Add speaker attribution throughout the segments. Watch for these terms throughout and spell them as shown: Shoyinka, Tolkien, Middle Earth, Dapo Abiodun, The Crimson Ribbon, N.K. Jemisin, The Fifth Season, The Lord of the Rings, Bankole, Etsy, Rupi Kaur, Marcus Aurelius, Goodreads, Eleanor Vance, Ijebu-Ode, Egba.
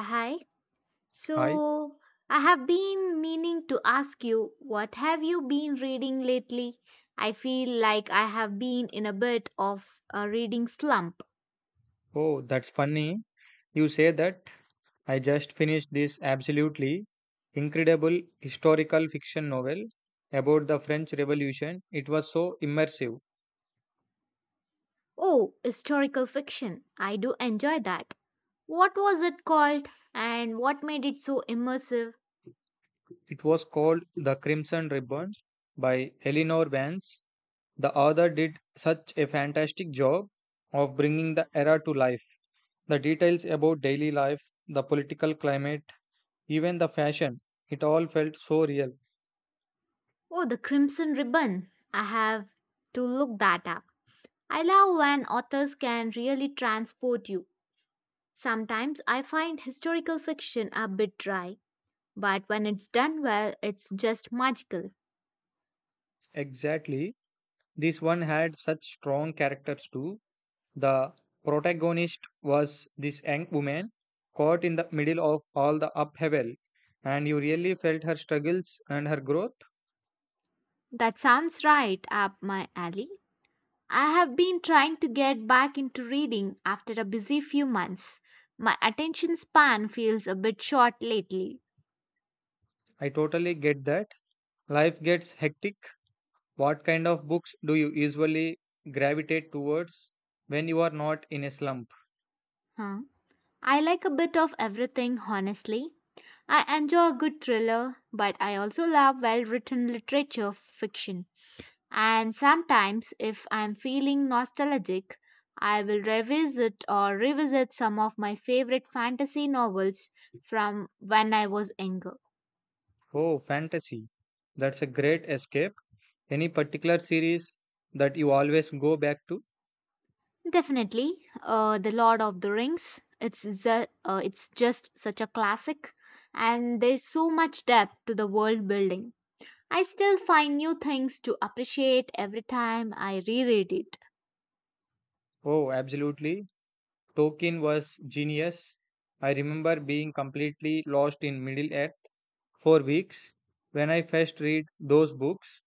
Speaker 1: Hi.
Speaker 2: Hi.
Speaker 1: So, I have been meaning to ask you, what have you been reading lately? I feel like I have been in a bit of a reading slump.
Speaker 2: Oh, that's funny. You say that. I just finished this absolutely incredible historical fiction novel about the French Revolution. It was so immersive.
Speaker 1: Oh, historical fiction. I do enjoy that. What was it called and what made it so immersive?
Speaker 2: It was called The Crimson Ribbon by Eleanor Vance. The author did such a fantastic job of bringing the era to life. The details about daily life, the political climate, even the fashion, it all felt so real.
Speaker 1: Oh, The Crimson Ribbon. I have to look that up. I love when authors can really transport you. Sometimes I find historical fiction a bit dry, but when it's done well, it's just magical.
Speaker 2: Exactly. This one had such strong characters too. The protagonist was this young woman caught in the middle of all the upheaval, and you really felt her struggles and her growth.
Speaker 1: That sounds right up my alley. I have been trying to get back into reading after a busy few months. My attention span feels a bit short lately.
Speaker 2: I totally get that. Life gets hectic. What kind of books do you usually gravitate towards when you are not in a slump?
Speaker 1: Huh? I like a bit of everything, honestly. I enjoy a good thriller, but I also love well written literature fiction. And sometimes, if I'm feeling nostalgic, I will revisit or revisit some of my favorite fantasy novels from when I was younger.
Speaker 2: Oh, fantasy. That's a great escape. Any particular series that you always go back to?
Speaker 1: Definitely, The Lord of the Rings. It's just such a classic, and there's so much depth to the world building. I still find new things to appreciate every time I reread it.
Speaker 2: Oh, absolutely. Tolkien was genius. I remember being completely lost in Middle Earth for weeks when I first read those books.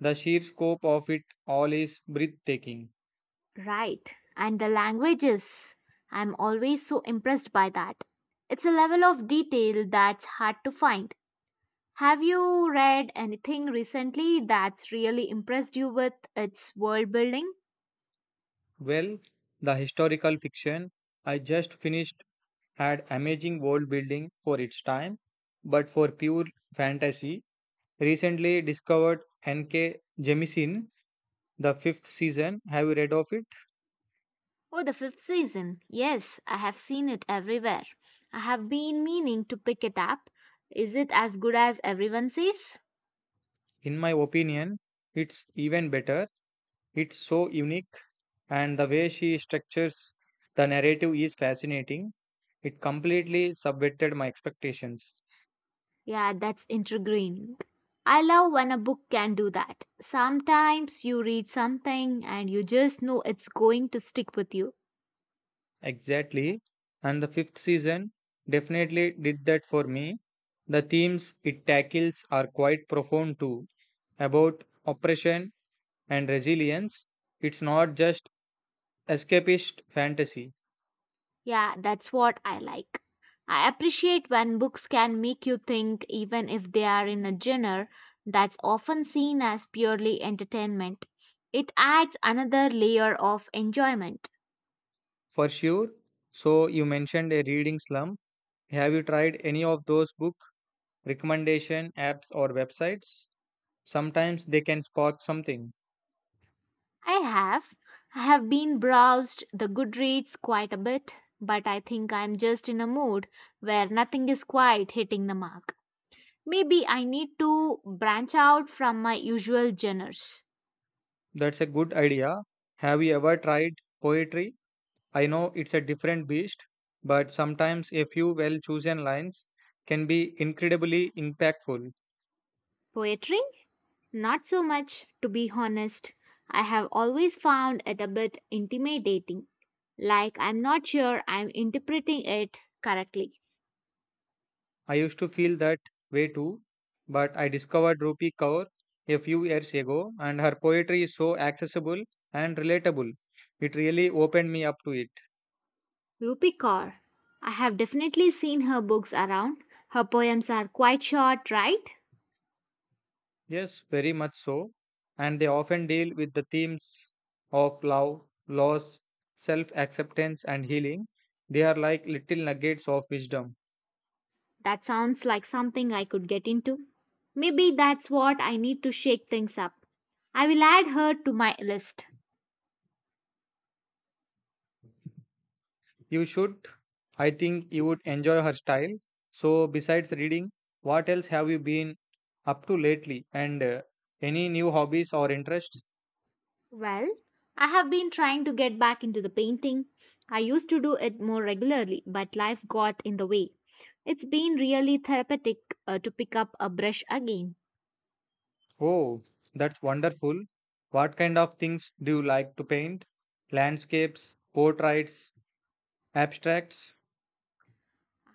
Speaker 2: The sheer scope of it all is breathtaking.
Speaker 1: Right. And the languages. I'm always so impressed by that. It's a level of detail that's hard to find. Have you read anything recently that's really impressed you with its world building?
Speaker 2: Well, the historical fiction I just finished had amazing world building for its time, but for pure fantasy, recently discovered N.K. Jemisin, the fifth season. Have you read of it?
Speaker 1: Oh, the fifth season. Yes, I have seen it everywhere. I have been meaning to pick it up. Is it as good as everyone says?
Speaker 2: In my opinion, it's even better. It's so unique and the way she structures the narrative is fascinating. It completely subverted my expectations.
Speaker 1: Yeah, that's intriguing. I love when a book can do that. Sometimes you read something and you just know it's going to stick with you.
Speaker 2: Exactly. And the fifth season definitely did that for me. The themes it tackles are quite profound too about oppression and resilience. It's not just escapist fantasy.
Speaker 1: Yeah, that's what I like. I appreciate when books can make you think, even if they are in a genre that's often seen as purely entertainment. It adds another layer of enjoyment.
Speaker 2: For sure. So you mentioned a reading slump. Have you tried any of those book recommendation apps or websites? Sometimes they can spark something.
Speaker 1: I have. I have been browsed the Goodreads quite a bit, but I think I'm just in a mood where nothing is quite hitting the mark. Maybe I need to branch out from my usual genres.
Speaker 2: That's a good idea. Have you ever tried poetry? I know it's a different beast, but sometimes a few well chosen lines can be incredibly impactful.
Speaker 1: Poetry? Not so much, to be honest. I have always found it a bit intimidating. Like I'm not sure I'm interpreting it correctly.
Speaker 2: I used to feel that way too, but I discovered Rupi Kaur a few years ago, and her poetry is so accessible and relatable. It really opened me up to it.
Speaker 1: Rupi Kaur. I have definitely seen her books around. Her poems are quite short, right?
Speaker 2: Yes, very much so. And they often deal with the themes of love, loss, self acceptance, and healing. They are like little nuggets of wisdom.
Speaker 1: That sounds like something I could get into. Maybe that's what I need to shake things up. I will add her to my list.
Speaker 2: You should, I think, you would enjoy her style. So, besides reading, what else have you been up to lately? And Any new hobbies or interests?
Speaker 1: Well, I have been trying to get back into the painting. I used to do it more regularly, but life got in the way. It's been really therapeutic to pick up a brush again.
Speaker 2: Oh, that's wonderful. What kind of things do you like to paint? Landscapes, portraits, abstracts?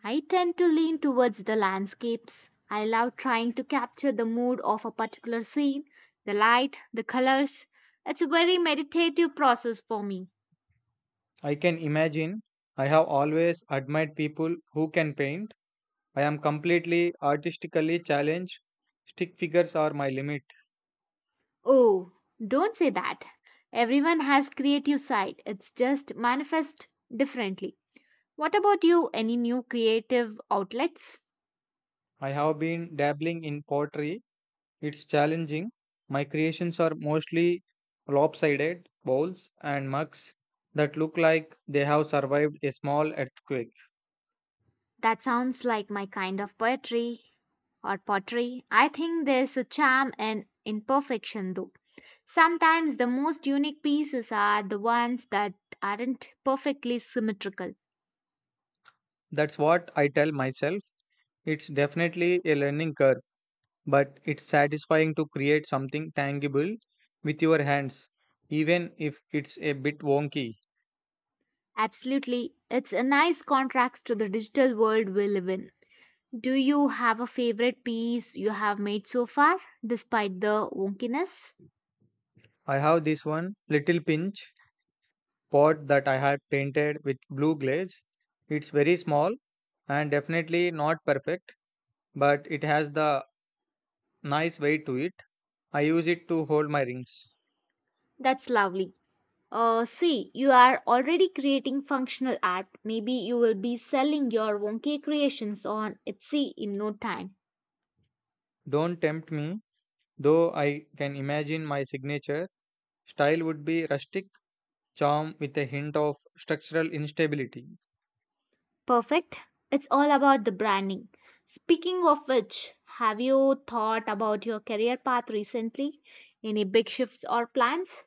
Speaker 1: I tend to lean towards the landscapes. I love trying to capture the mood of a particular scene, the light, the colors. It's a very meditative process for me.
Speaker 2: I can imagine. I have always admired people who can paint. I am completely artistically challenged. Stick figures are my limit.
Speaker 1: Oh, don't say that. Everyone has creative side. It's just manifest differently. What about you? Any new creative outlets?
Speaker 2: I have been dabbling in pottery. It's challenging. My creations are mostly lopsided bowls and mugs that look like they have survived a small earthquake.
Speaker 1: That sounds like my kind of poetry or pottery. I think there's a charm in imperfection though. Sometimes the most unique pieces are the ones that aren't perfectly symmetrical.
Speaker 2: That's what I tell myself. It's definitely a learning curve, but it's satisfying to create something tangible with your hands, even if it's a bit wonky.
Speaker 1: Absolutely. It's a nice contrast to the digital world we live in. Do you have a favorite piece you have made so far, despite the wonkiness?
Speaker 2: I have this one little pinch pot that I had painted with blue glaze. It's very small and definitely not perfect, but it has the nice weight to it. I use it to hold my rings.
Speaker 1: That's lovely. See, you are already creating functional art. Maybe you will be selling your wonky creations on Etsy in no time.
Speaker 2: Don't tempt me, though I can imagine my signature style would be rustic charm with a hint of structural instability.
Speaker 1: Perfect. It's all about the branding. Speaking of which, have you thought about your career path recently? Any big shifts or plans?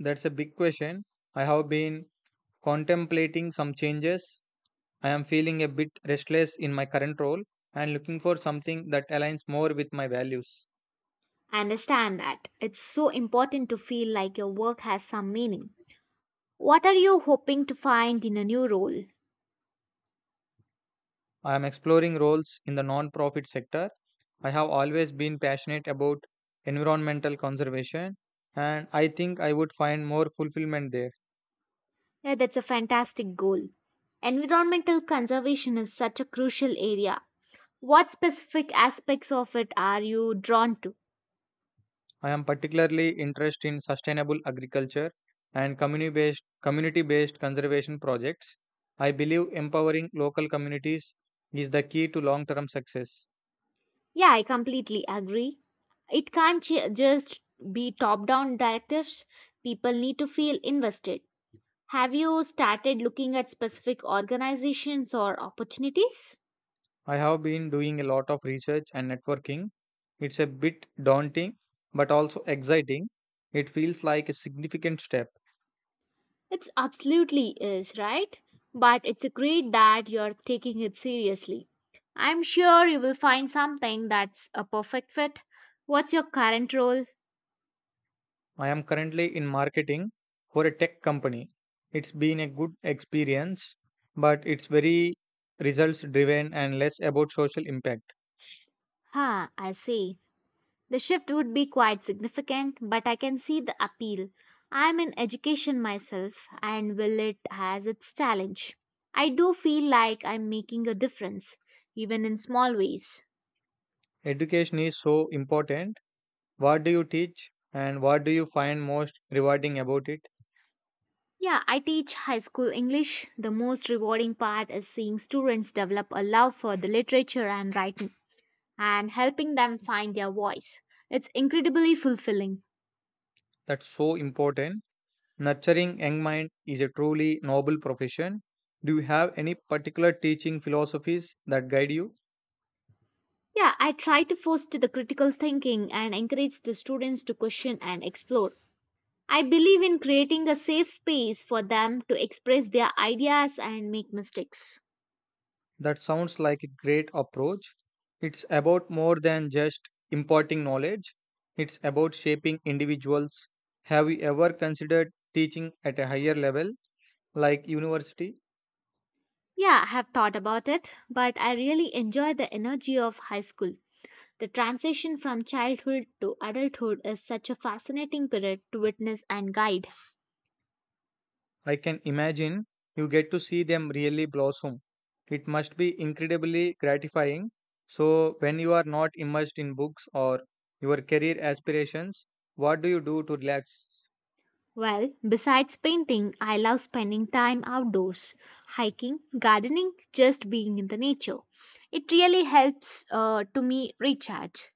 Speaker 2: That's a big question. I have been contemplating some changes. I am feeling a bit restless in my current role and looking for something that aligns more with my values.
Speaker 1: I understand that. It's so important to feel like your work has some meaning. What are you hoping to find in a new role?
Speaker 2: I am exploring roles in the non-profit sector. I have always been passionate about environmental conservation and I think I would find more fulfillment there.
Speaker 1: Yeah, that's a fantastic goal. Environmental conservation is such a crucial area. What specific aspects of it are you drawn to?
Speaker 2: I am particularly interested in sustainable agriculture and community-based conservation projects. I believe empowering local communities is the key to long-term success.
Speaker 1: Yeah, I completely agree. It can't just be top down directives, people need to feel invested. Have you started looking at specific organizations or opportunities?
Speaker 2: I have been doing a lot of research and networking. It's a bit daunting, but also exciting. It feels like a significant step.
Speaker 1: It's absolutely is, right? But it's great that you're taking it seriously. I'm sure you will find something that's a perfect fit. What's your current role?
Speaker 2: I am currently in marketing for a tech company. It's been a good experience, but it's very results driven and less about social impact.
Speaker 1: Ha, I see. The shift would be quite significant, but I can see the appeal. I'm in education myself, and will it has its challenge. I do feel like I'm making a difference, even in small ways.
Speaker 2: Education is so important. What do you teach and what do you find most rewarding about it?
Speaker 1: Yeah, I teach high school English. The most rewarding part is seeing students develop a love for the literature and writing and helping them find their voice. It's incredibly fulfilling.
Speaker 2: That's so important. Nurturing young mind is a truly noble profession. Do you have any particular teaching philosophies that guide you?
Speaker 1: Yeah, I try to foster the critical thinking and encourage the students to question and explore. I believe in creating a safe space for them to express their ideas and make mistakes.
Speaker 2: That sounds like a great approach. It's about more than just imparting knowledge, it's about shaping individuals. Have you ever considered teaching at a higher level, like university?
Speaker 1: Yeah, I have thought about it, but I really enjoy the energy of high school. The transition from childhood to adulthood is such a fascinating period to witness and guide.
Speaker 2: I can imagine you get to see them really blossom. It must be incredibly gratifying. So, when you are not immersed in books or your career aspirations, what do you do to relax?
Speaker 1: Well, besides painting, I love spending time outdoors, hiking, gardening, just being in the nature. It really helps to me recharge.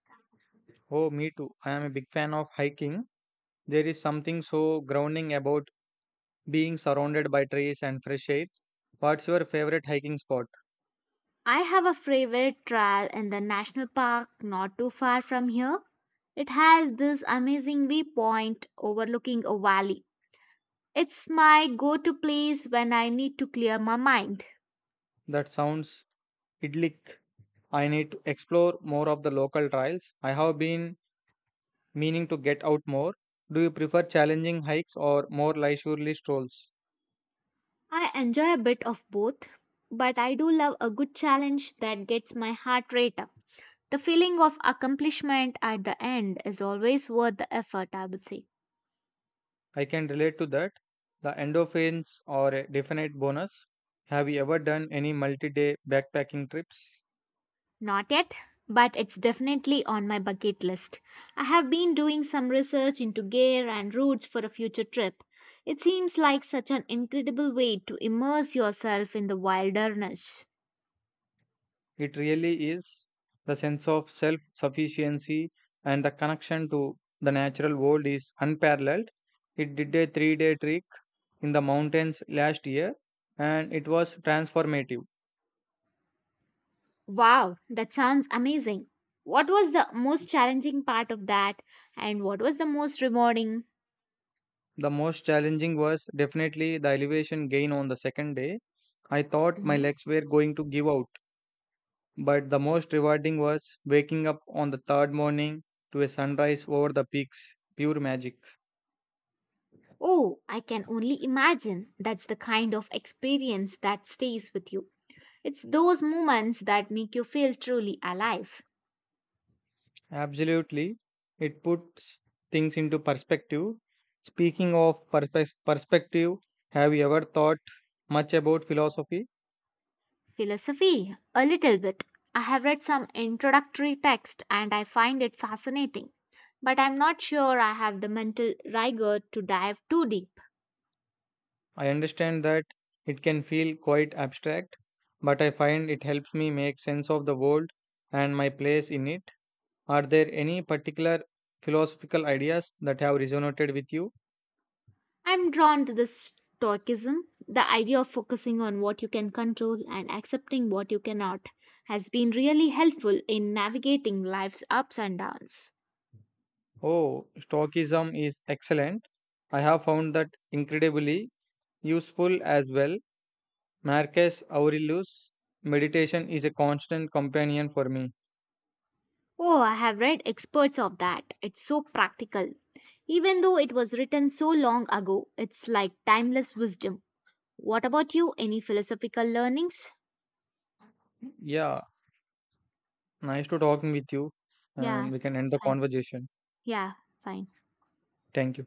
Speaker 2: Oh, me too. I am a big fan of hiking. There is something so grounding about being surrounded by trees and fresh air. What's your favorite hiking spot?
Speaker 1: I have a favorite trail in the national park not too far from here. It has this amazing viewpoint overlooking a valley. It's my go to place when I need to clear my mind.
Speaker 2: That sounds idyllic. I need to explore more of the local trails. I have been meaning to get out more. Do you prefer challenging hikes or more leisurely strolls?
Speaker 1: I enjoy a bit of both, but I do love a good challenge that gets my heart rate up. The feeling of accomplishment at the end is always worth the effort, I would say.
Speaker 2: I can relate to that. The endorphins are a definite bonus. Have you ever done any multi day backpacking trips?
Speaker 1: Not yet, but it's definitely on my bucket list. I have been doing some research into gear and routes for a future trip. It seems like such an incredible way to immerse yourself in the wilderness.
Speaker 2: It really is the sense of self sufficiency and the connection to the natural world is unparalleled. It did a 3 day trek in the mountains last year and it was transformative.
Speaker 1: Wow, that sounds amazing. What was the most challenging part of that and what was the most rewarding?
Speaker 2: The most challenging was definitely the elevation gain on the second day. I thought my
Speaker 1: Mm.
Speaker 2: legs were going to give out, but the most rewarding was waking up on the third morning to a sunrise over the peaks. Pure magic.
Speaker 1: Oh, I can only imagine that's the kind of experience that stays with you. It's those moments that make you feel truly alive.
Speaker 2: Absolutely. It puts things into perspective. Speaking of perspective, have you ever thought much about philosophy?
Speaker 1: Philosophy, a little bit. I have read some introductory text and I find it fascinating, but I'm not sure I have the mental rigor to dive too deep.
Speaker 2: I understand that it can feel quite abstract, but I find it helps me make sense of the world and my place in it. Are there any particular philosophical ideas that have resonated with you?
Speaker 1: I'm drawn to this stoicism. The idea of focusing on what you can control and accepting what you cannot has been really helpful in navigating life's ups and downs.
Speaker 2: Oh, Stoicism is excellent. I have found that incredibly useful as well. Marcus Aurelius' meditation is a constant companion for me.
Speaker 1: Oh, I have read experts of that. It's so practical. Even though it was written so long ago, it's like timeless wisdom. What about you? Any philosophical learnings?
Speaker 2: Yeah, nice to talking with you,
Speaker 1: Yeah,
Speaker 2: and we can end the
Speaker 1: fine.
Speaker 2: conversation.
Speaker 1: Yeah, fine.
Speaker 2: Thank you.